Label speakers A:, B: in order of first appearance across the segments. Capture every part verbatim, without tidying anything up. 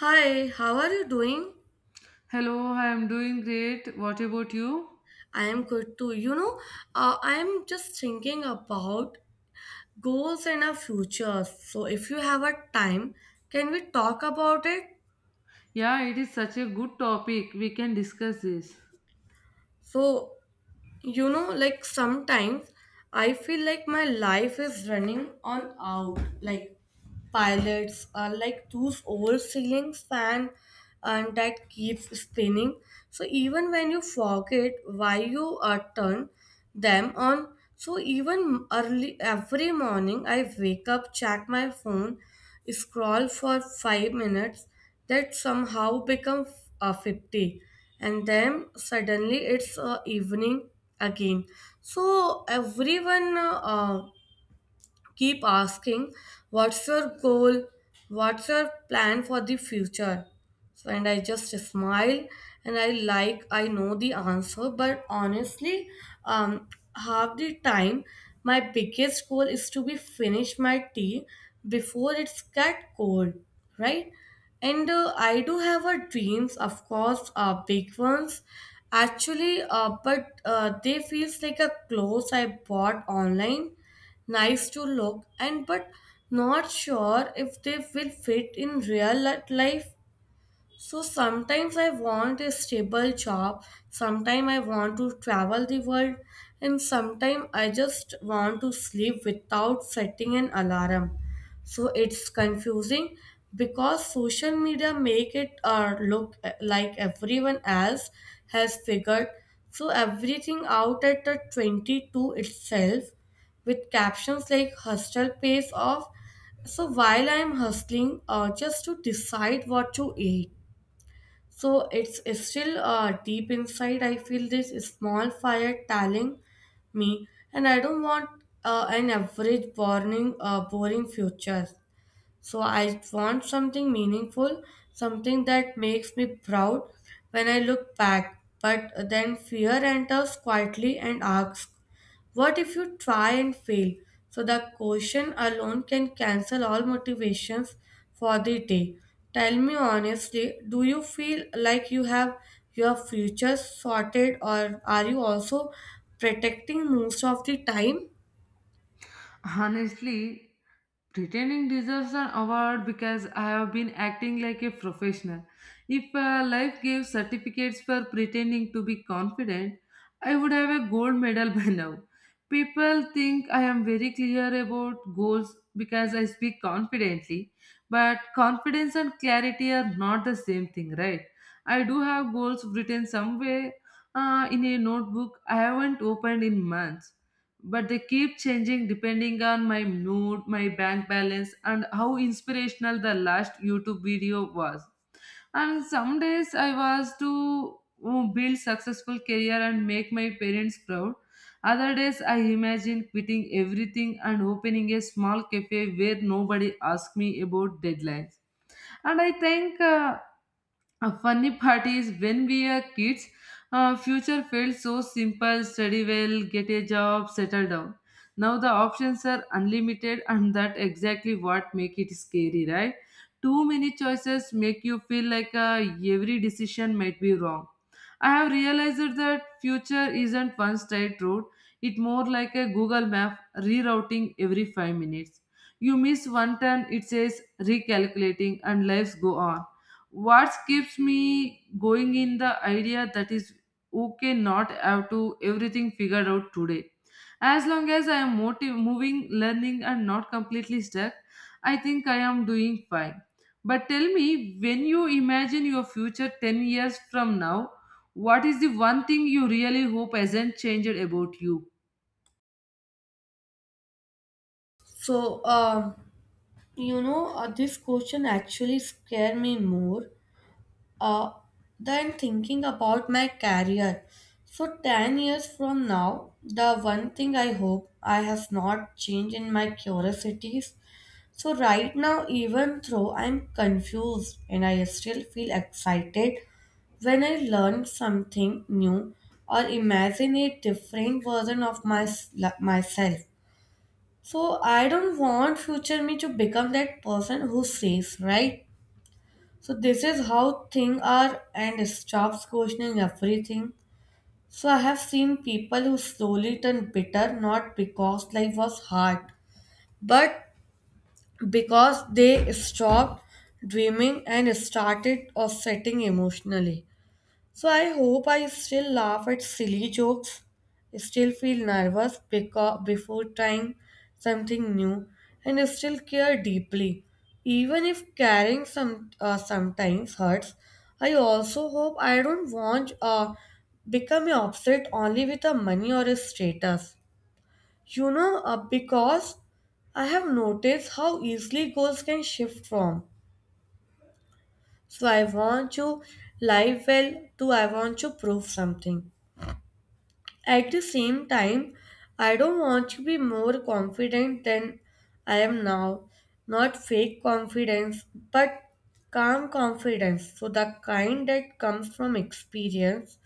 A: Hi, how are you doing?
B: Hello, I am doing great. What about you?
A: I am good too. You know, uh, I am just thinking about goals and our future. So, if you have a time, can we talk about it?
B: Yeah, it is such a good topic. We can discuss this.
A: So, You know, like sometimes I feel like my life is running on out. Like pilots are like those old ceiling fan and that keeps spinning. So even when you forget why you uh, turn them on, so even early every morning I wake up, check my phone, scroll for five minutes that somehow become f- uh, fifty, and then suddenly it's uh, evening again. So everyone uh, keep asking, what's your goal, what's your plan for the future? So and I just smile, and I like I know the answer, but honestly, um half the time my biggest goal is to be finish my tea before it's get cold, right? And uh, I do have a dreams, of course, uh, big ones, actually uh, but uh, they feels like a clothes I bought online, nice to look and but not sure if they will fit in real li- life. So sometimes I want a stable job, sometimes I want to travel the world, and sometimes I just want to sleep without setting an alarm. So it's confusing because social media make it uh, look uh, like everyone else has figured so everything out at the twenty-two itself with captions like "hustle pays off." So while I'm hustling uh, just to decide what to eat. So it's, it's still uh, deep inside. I feel this small fire telling me, and I don't want uh, an average boring, uh, boring future. So I want something meaningful, something that makes me proud when I look back. But then fear enters quietly and asks, what if you try and fail? So the question alone can cancel all motivations for the day. Tell me honestly, do you feel like you have your future sorted, or are you also protecting most of the time?
B: Honestly, pretending deserves an award because I have been acting like a professional. If uh, life gave certificates for pretending to be confident, I would have a gold medal by now. People think I am very clear about goals because I speak confidently, but confidence and clarity are not the same thing, right? I do have goals written somewhere uh, in a notebook I haven't opened in months, but they keep changing depending on my mood, my bank balance, and how inspirational the last YouTube video was. And some days I was to oh, build successful career and make my parents proud. Other days I imagine quitting everything and opening a small cafe where nobody asks me about deadlines. And I think uh, a funny part is when we are kids, uh, future felt so simple, study well, get a job, settle down. Now the options are unlimited, and that exactly what make it scary, right? Too many choices make you feel like uh, every decision might be wrong. I have realized that future isn't one straight road. It more like a Google map rerouting every five minutes. You miss one turn, it says recalculating and lives go on. What keeps me going in the idea that is okay not have to everything figured out today. As long as I am motiv- moving, learning and not completely stuck, I think I am doing fine. But tell me, when you imagine your future ten years from now, what is the one thing you really hope hasn't changed about you?
A: So, um, you know, uh, this question actually scare me more Uh, then thinking about my career. So, ten years from now, the one thing I hope I have not changed in my curiosities. So, right now, even though I'm confused and I still feel excited when I learn something new or imagine a different version of my, myself. So, I don't want future me to become that person who says, right? So this is how things are and stops questioning everything. So I have seen people who slowly turn bitter not because life was hard, but because they stopped dreaming and started offsetting emotionally. So I hope I still laugh at silly jokes, still feel nervous beca- before trying something new, and still care deeply. Even if caring some uh, sometimes hurts, I also hope I don't want uh, become upset only with a money or a status. You know, uh, because I have noticed how easily goals can shift from. So I want to live well to I want to prove something. At the same time, I don't want to be more confident than I am now. Not fake confidence, but calm confidence. So, the kind that comes from experience.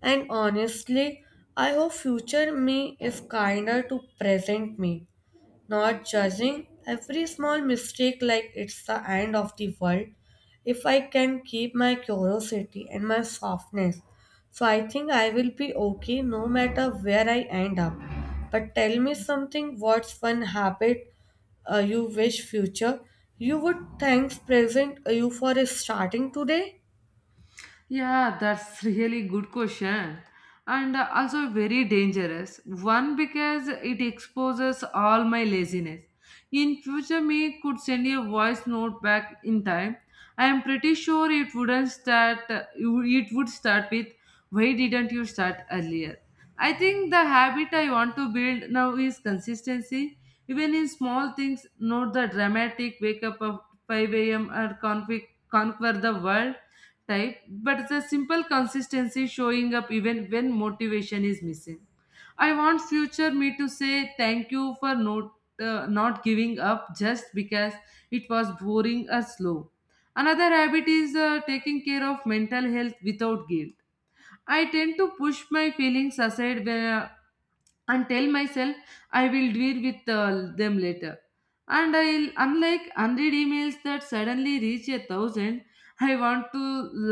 A: And honestly, I hope future me is kinder to present me, not judging every small mistake like it's the end of the world if I can keep my curiosity and my softness. So I think I will be okay no matter where I end up. But tell me something, what's one habit uh, you wish future you would thanks present uh, you for starting today?
B: Yeah, that's really good question. And uh, also very dangerous. One because it exposes all my laziness. In future, me could send a voice note back in time. I am pretty sure it wouldn't start. uh, It would start with, "Why didn't you start earlier?" I think the habit I want to build now is consistency. Even in small things, not the dramatic wake up of five a m or conquer, conquer the world, right? But the simple consistency showing up even when motivation is missing. I want future me to say thank you for not, uh, not giving up just because it was boring or slow. Another habit is uh, taking care of mental health without guilt. I tend to push my feelings aside when, and tell myself I will deal with uh, them later. And I'll, unlike one hundred emails that suddenly reach a thousand, I want to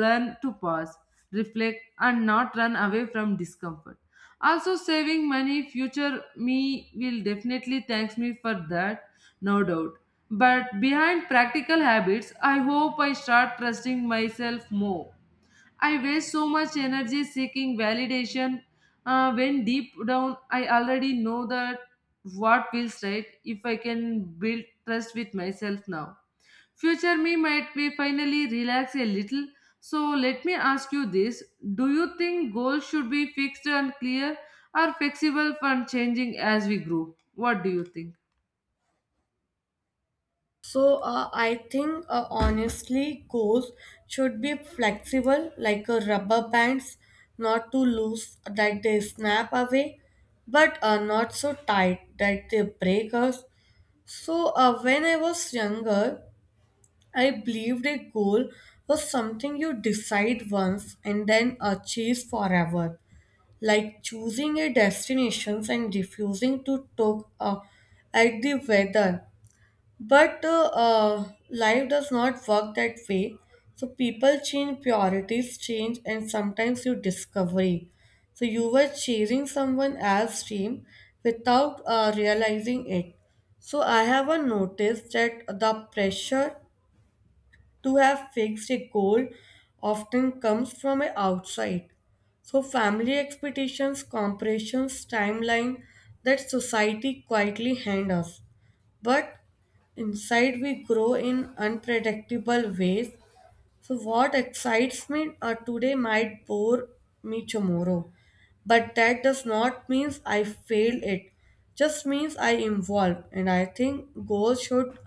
B: learn to pause, reflect, and not run away from discomfort. Also, saving money, future me will definitely thanks me for that, no doubt. But behind practical habits, I hope I start trusting myself more. I waste so much energy seeking validation uh, when deep down I already know that what feels right if I can build trust with myself now. Future me might be finally relax a little. So let me ask you this. Do you think goals should be fixed and clear or flexible and changing as we grow? What do you think?
A: So uh, I think uh, honestly, goals should be flexible, like a rubber bands, not too loose that they snap away, but uh, not so tight that they break us. So uh, when I was younger, I believed a goal was something you decide once and then achieve forever, like choosing a destination and refusing to talk uh, at the weather, but uh, uh, life does not work that way. So people change, priorities change, and sometimes you discovery. So you were chasing someone else's dream without uh, realizing it. So I have uh, noticed that the pressure to have fixed a goal often comes from a outside. So family expectations, comparisons, timeline that society quietly hand us, but inside we grow in unpredictable ways. So, what excites me uh, today might bore me tomorrow, but that does not mean I failed it. Just means I evolved, and I think goals should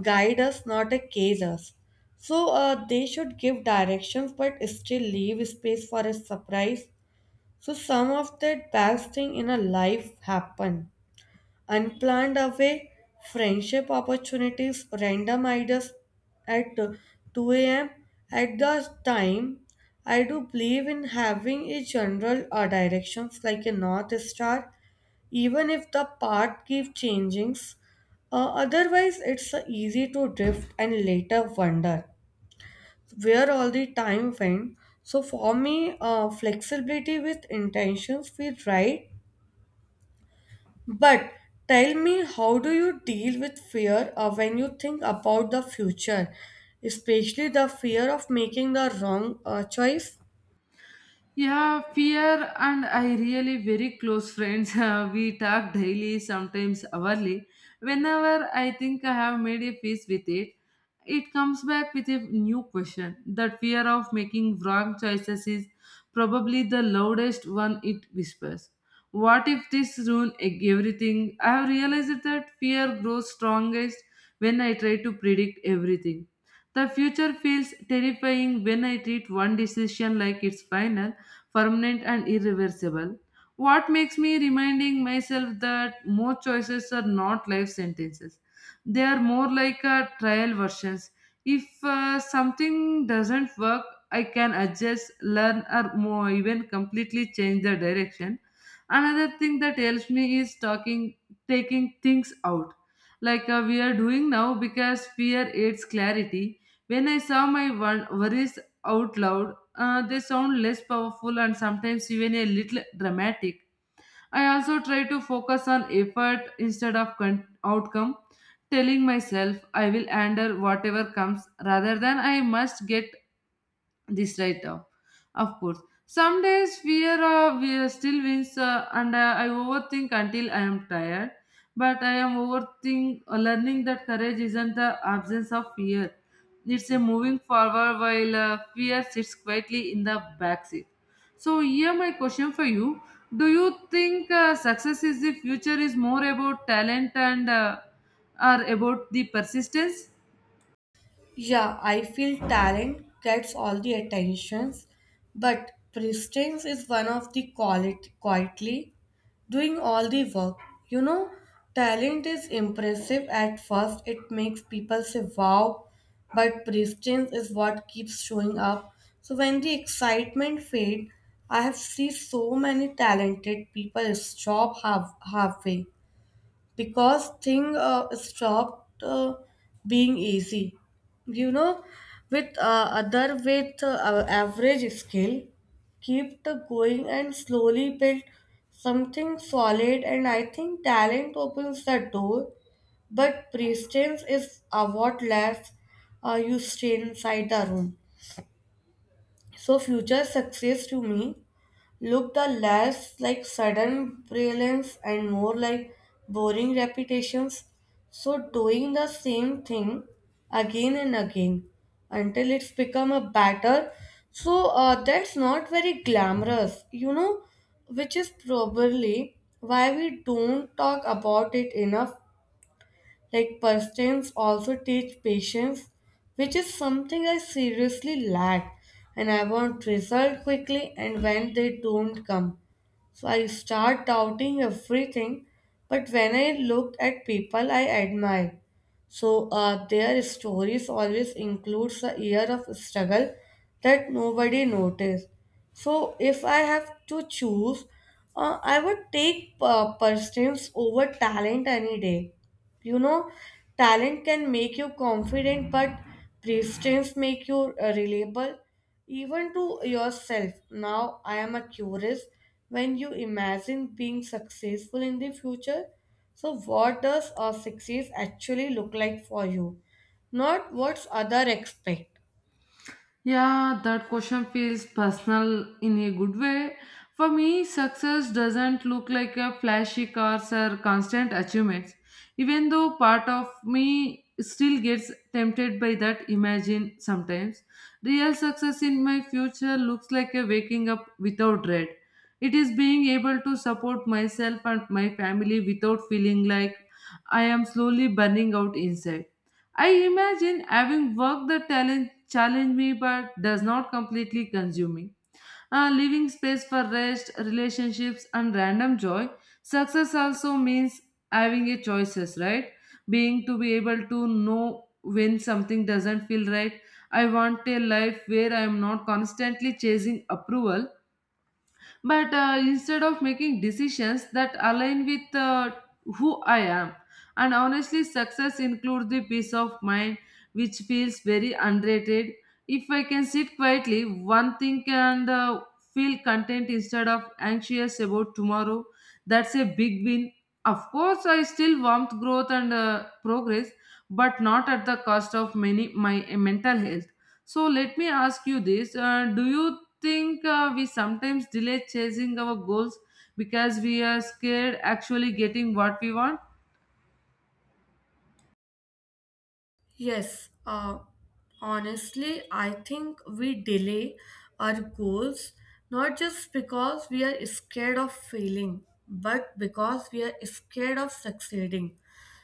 A: guide us, not cage us. So uh, they should give directions, but still leave space for a surprise. So some of the best thing in a life happen unplanned away, friendship opportunities, random ideas at two a m. At the time, I do believe in having a general or directions like a north star, even if the path keeps changing. Uh, otherwise, it's uh, easy to drift and later wonder where all the time went. So for me, uh, flexibility with intentions feel right, but tell me, how do you deal with fear uh, when you think about the future, especially the fear of making the wrong uh, choice?
B: Yeah, fear and I really very close friends. Uh, we talk daily, sometimes hourly. Whenever I think I have made a peace with it, it comes back with a new question. That fear of making wrong choices is probably the loudest one it whispers. What if this ruin e- everything? I have realized that fear grows strongest when I try to predict everything. The future feels terrifying when I treat one decision like it's final, permanent and irreversible. What makes me reminding myself that more choices are not life sentences. They are more like uh, trial versions. If uh, something doesn't work, I can adjust, learn, or more, even completely change the direction. Another thing that helps me is talking, taking things out, like uh, we are doing now, because fear aids clarity. When I saw my wor- worries out loud, uh, they sound less powerful and sometimes even a little dramatic. I also try to focus on effort instead of con- outcome, telling myself I will handle whatever comes rather than I must get this right now. Of course, some days fear uh, we still wins, uh, and uh, I overthink until I am tired, but I am overthink uh, learning that courage isn't the absence of fear. It's a moving forward while uh, fear sits quietly in the backseat. So here my question for you. Do you think uh, success is the future is more about talent and uh, are about the persistence?
A: Yeah, I feel talent gets all the attentions, but presence is one of the quality quietly doing all the work. You know, talent is impressive at first. It makes people say wow, but presence is what keeps showing up. So when the excitement fades, I have seen so many talented people stop half halfway because thing uh, stopped uh, being easy, you know, with uh, other with uh, our average skill kept going and slowly built something solid. And I think talent opens the door, but presence is uh, what lets uh, you stay inside the room. So future success to me look the less like sudden brilliance and more like boring repetitions. So doing the same thing again and again until it's become a batter. So uh, that's not very glamorous, you know, which is probably why we don't talk about it enough. Like pastimes also teach patience, which is something I seriously lack, and I want result quickly and when they don't come. So I start doubting everything, but when I look at people I admire, so uh, their stories always includes a year of struggle that nobody noticed. So if I have to choose, uh, I would take uh, persistence over talent any day. You know, talent can make you confident, but persistence make you uh, reliable even to yourself. Now I am a curious, when you imagine being successful in the future, so what does a success actually look like for you, not what's other expect?
B: Yeah, that question feels personal in a good way. For me, success doesn't look like a flashy cars or constant achievements. Even though part of me still gets tempted by that imagine sometimes, real success in my future looks like a waking up without dread. It is being able to support myself and my family without feeling like I am slowly burning out inside. I imagine having worked the talent challenge me but does not completely consume me. Uh, leaving space for rest, relationships, and random joy. Success also means having a choices, right? Being to be able to know when something doesn't feel right. I want a life where I am not constantly chasing approval, but uh, instead of making decisions that align with uh, who I am. And honestly, success includes the peace of mind, which feels very underrated. If I can sit quietly, one thing and uh, feel content instead of anxious about tomorrow, that's a big win. Of course, I still want growth and uh, progress, but not at the cost of many my mental health. So let me ask you this: uh, Do you think uh, we sometimes delay chasing our goals because we are scared actually getting what we want?
A: Yes, uh, honestly, I think we delay our goals not just because we are scared of failing, but because we are scared of succeeding.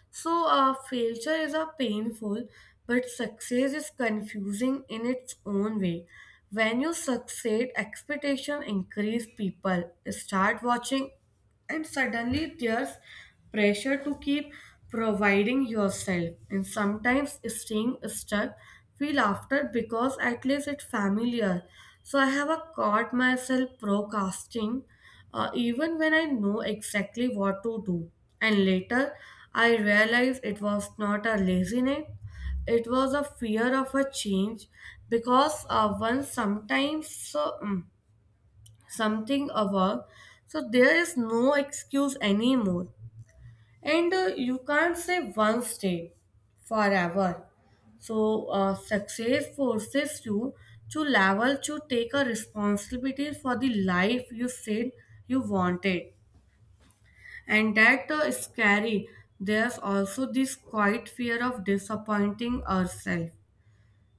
A: So, uh, failure is a painful, but success is confusing in its own way. When you succeed, expectation increase. People start watching and suddenly there's pressure to keep providing yourself, and sometimes staying stuck feel after because at least it's familiar. So I have a caught myself procrastinating uh, even when I know exactly what to do, and later I realized it was not a laziness, it was a fear of a change. Because uh, one sometimes so, mm, something a, so there is no excuse anymore. And uh, you can't say one stay forever. So uh, success forces you to level to take a responsibility for the life you said you wanted, and that uh, is scary. There's also this quiet fear of disappointing ourselves.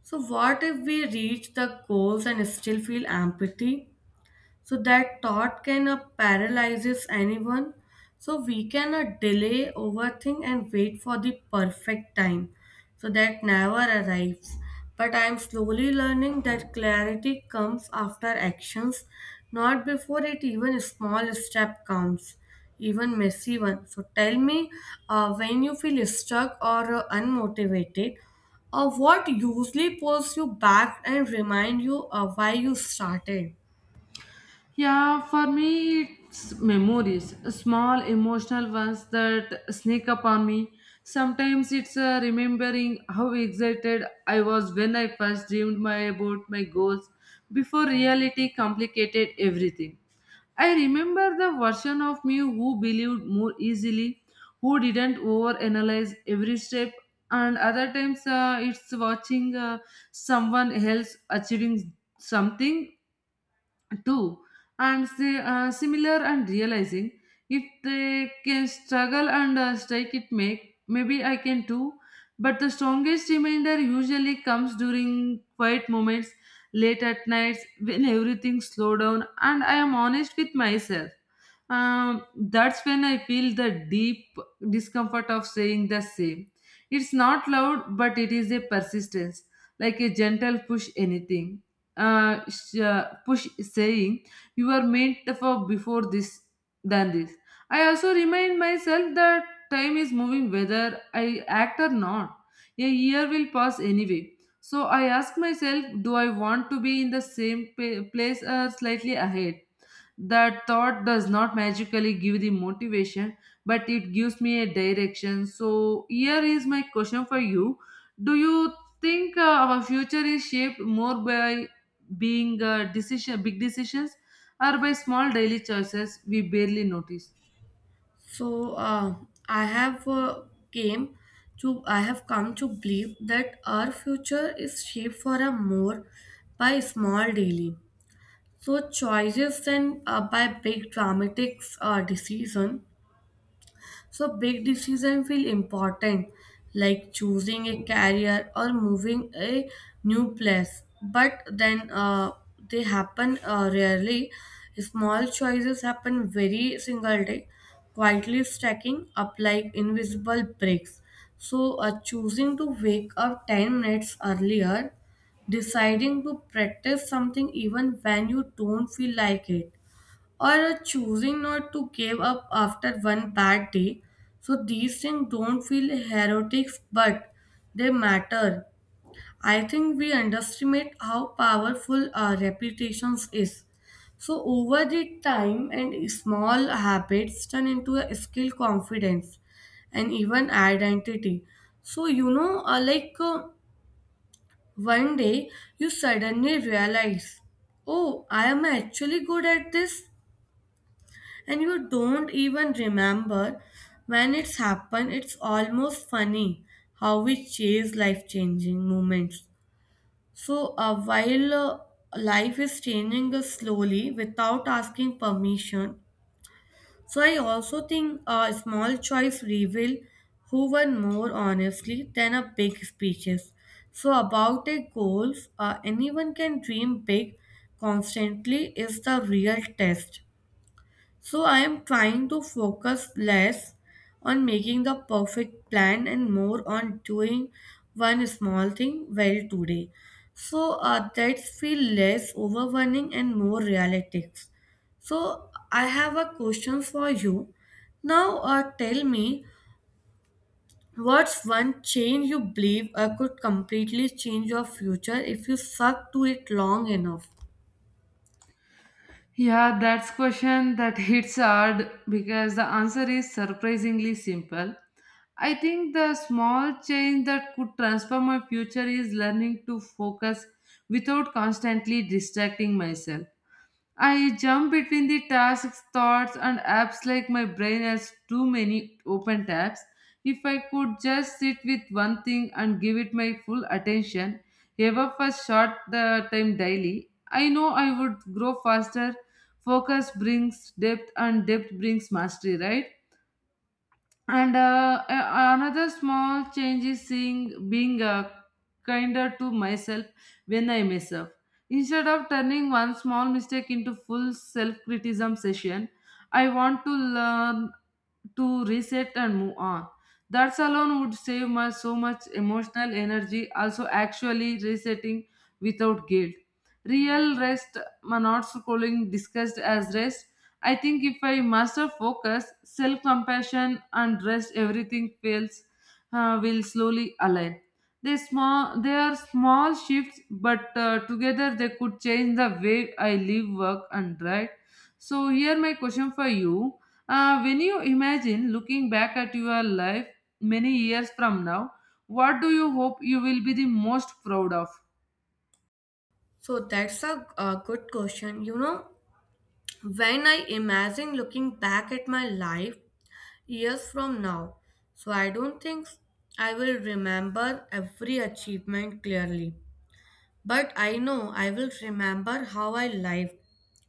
A: So what if we reach the goals and still feel empathy? So that thought can uh, paralyzes anyone. So we can uh, delay, overthink, and wait for the perfect time. So that never arrives. But I am slowly learning that clarity comes after actions, not before it. Even a small step counts, even messy one. So tell me, uh, when you feel stuck or uh, unmotivated, uh, what usually pulls you back and remind you uh, why you started?
B: Yeah, for me, it's memories, small emotional ones that sneak up on me. Sometimes it's uh, remembering how excited I was when I first dreamed my about my goals before reality complicated everything. I remember the version of me who believed more easily, who didn't overanalyze every step, and other times uh, it's watching uh, someone else achieving something too and say uh, similar and realizing if they can struggle and uh, strike it make maybe I can too. But the strongest reminder usually comes during quiet moments late at nights when everything slow down and I am honest with myself. um, that's when I feel the deep discomfort of saying the same. It's not loud but it is a persistence, like a gentle push anything, uh, sh- uh, push saying you were made for before this than this. I also remind myself that time is moving whether I act or not. A year will pass anyway, so I ask myself, do I want to be in the same pa- place or slightly ahead? That thought does not magically give the motivation, but it gives me a direction. So, here is my question for you. Do you think uh, our future is shaped more by being uh, decision, big decisions or by small daily choices we barely notice?
A: So uh, I have uh, came to I have come to believe that our future is shaped for a more by small daily so choices than uh, by big dramatic uh, decision. So big decisions feel important, like choosing a career or moving a new place. But then uh, they happen uh, rarely. Small choices happen very single day, quietly stacking up like invisible bricks. So uh, choosing to wake up ten minutes earlier, deciding to practice something even when you don't feel like it, or choosing not to give up after one bad day. So these things don't feel heroic, but they matter. I think we underestimate how powerful our reputations is. So over the time and small habits turn into a skill confidence and even identity. So you know uh, like uh, one day you suddenly realize, oh, I am actually good at this, and you don't even remember when it's happened. It's almost funny how we chase life changing moments. So, uh, while uh, Life is changing us slowly without asking permission, so I also think a small choice reveal who won more honestly than a big speeches. So about a goals, uh, anyone can dream big constantly is the real test. So I am trying to focus less on making the perfect plan and more on doing one small thing well today. So uh, that's feel less overwhelming and more realistic. So I have a question for you. Now uh, tell me, what's one change you believe uh, could completely change your future if you stuck to it long enough?
B: Yeah, that's question that hits hard because the answer is surprisingly simple. I think the small change that could transform my future is learning to focus without constantly distracting myself. I jump between the tasks, thoughts, and apps like my brain has too many open tabs. If I could just sit with one thing and give it my full attention, ever for short the time daily, I know I would grow faster. Focus brings depth, and depth brings mastery, right? And uh, a- another small change is seeing being uh, kinder to myself when I mess up. Instead of turning one small mistake into full self-criticism session, I want to learn to reset and move on. That alone would save me so much emotional energy. Also, actually resetting without guilt. Real rest, ma- not calling discussed as rest. I think if I master focus, self compassion, and rest, everything fails uh, will slowly align. They small, they are small shifts, but uh, together they could change the way I live, work, and write. So here my question for you: uh, When you imagine looking back at your life many years from now, what do you hope you will be the most proud of?
A: So that's a, a good question. You know, when I imagine looking back at my life years from now. So I don't think I will remember every achievement clearly, but I know I will remember how I lived.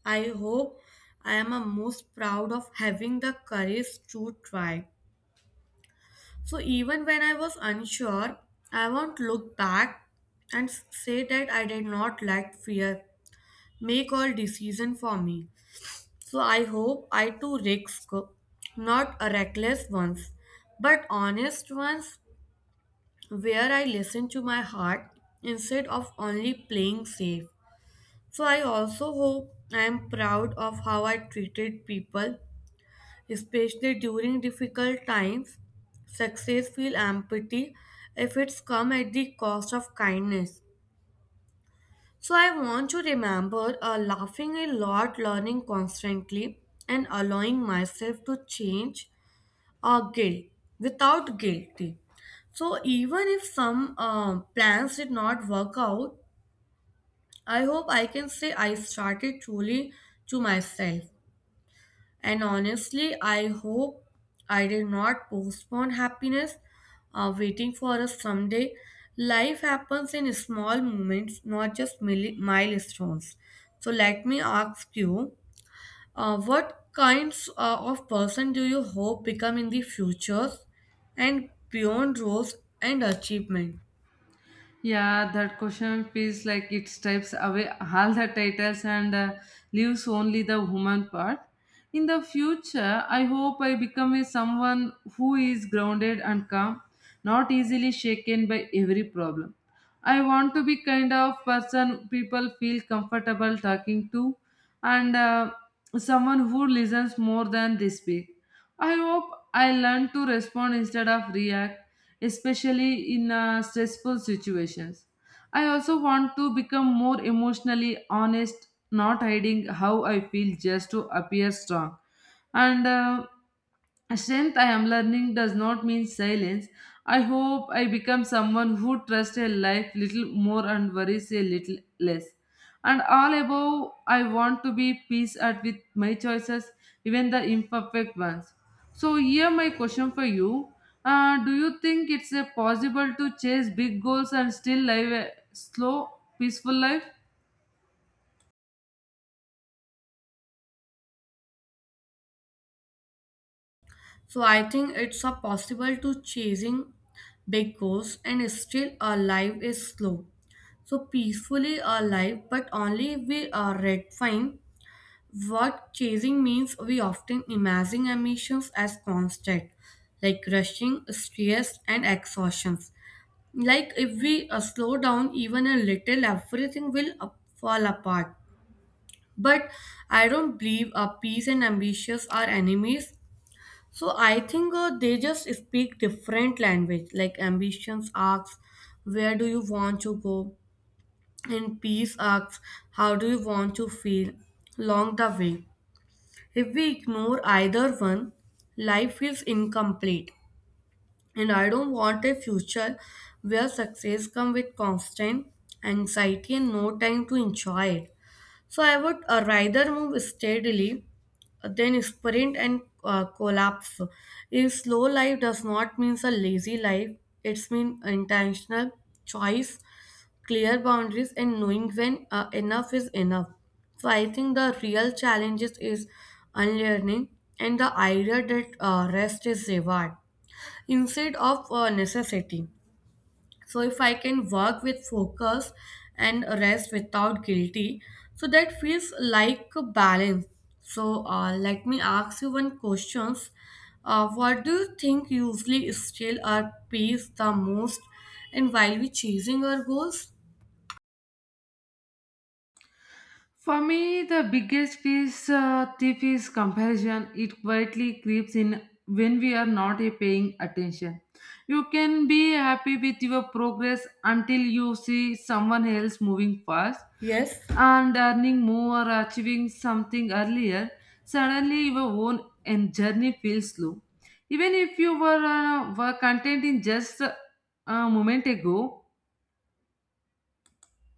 A: I hope I am a most proud of having the courage to try. So even when I was unsure, I won't look back and say that I did not let fear make all decision for me. So I hope I too risk, not a reckless ones, but honest ones, where I listen to my heart instead of only playing safe. So I also hope I am proud of how I treated people, especially during difficult times. Success feel empathy if it's come at the cost of kindness. So I want to remember uh, laughing a lot, learning constantly, and allowing myself to change or guilt without guilty. So even if some um, plans did not work out, I hope I can say I started truly to myself. And honestly, I hope I did not postpone happiness, uh, waiting for a someday. Life happens in small moments, not just mili- milestones. So let me ask you, uh, what kinds uh, of person do you hope become in the futures and beyond roles and achievement?
B: Yeah, that question feels like it strips away all the titles and uh, leaves only the woman part. In the future, I hope I become a someone who is grounded and calm, not easily shaken by every problem. I want to be kind of person people feel comfortable talking to, and uh, someone who listens more than they speak. I hope I learn to respond instead of react, especially in uh, stressful situations. I also want to become more emotionally honest, not hiding how I feel just to appear strong. And uh, strength I am learning does not mean silence. I hope I become someone who trusts a life little more and worries a little less. And all above, I want to be peace at with my choices, even the imperfect ones. So here my question for you: uh, Do you think it's uh, possible to chase big goals and still live a slow, peaceful life?
A: So I think it's a possible to chasing big goals and still our life is slow. So peacefully alive, but only we are redefine what chasing means. We often imagine ambitions as constant, like rushing, stress, and exhaustion. Like if we uh, slow down even a little everything will up, fall apart, but I don't believe uh, peace and ambitions are enemies. So I think uh, they just speak different language. Like ambitions asks, where do you want to go, and peace asks, how do you want to feel along the way? If we ignore either one, life is incomplete, and I don't want a future where success comes with constant anxiety and no time to enjoy it. So I would uh, rather move steadily than sprint and uh, collapse. A slow life does not mean a lazy life. It's mean intentional choice, clear boundaries, and knowing when uh, enough is enough. So I think the real challenges is unlearning and the idea that uh, rest is reward instead of uh, necessity. So if I can work with focus and rest without guilty, so that feels like a balance. So uh, let me ask you one questions, uh, what do you think usually steal our peace the most and while we chasing our goals?
B: For me, the biggest is, uh, tip is comparison. It quietly creeps in when we are not uh, paying attention. You can be happy with your progress until you see someone else moving fast
A: Yes.
B: and earning more or achieving something earlier. Suddenly, your own and journey feels slow. Even if you were, uh, were content in just uh, a moment ago,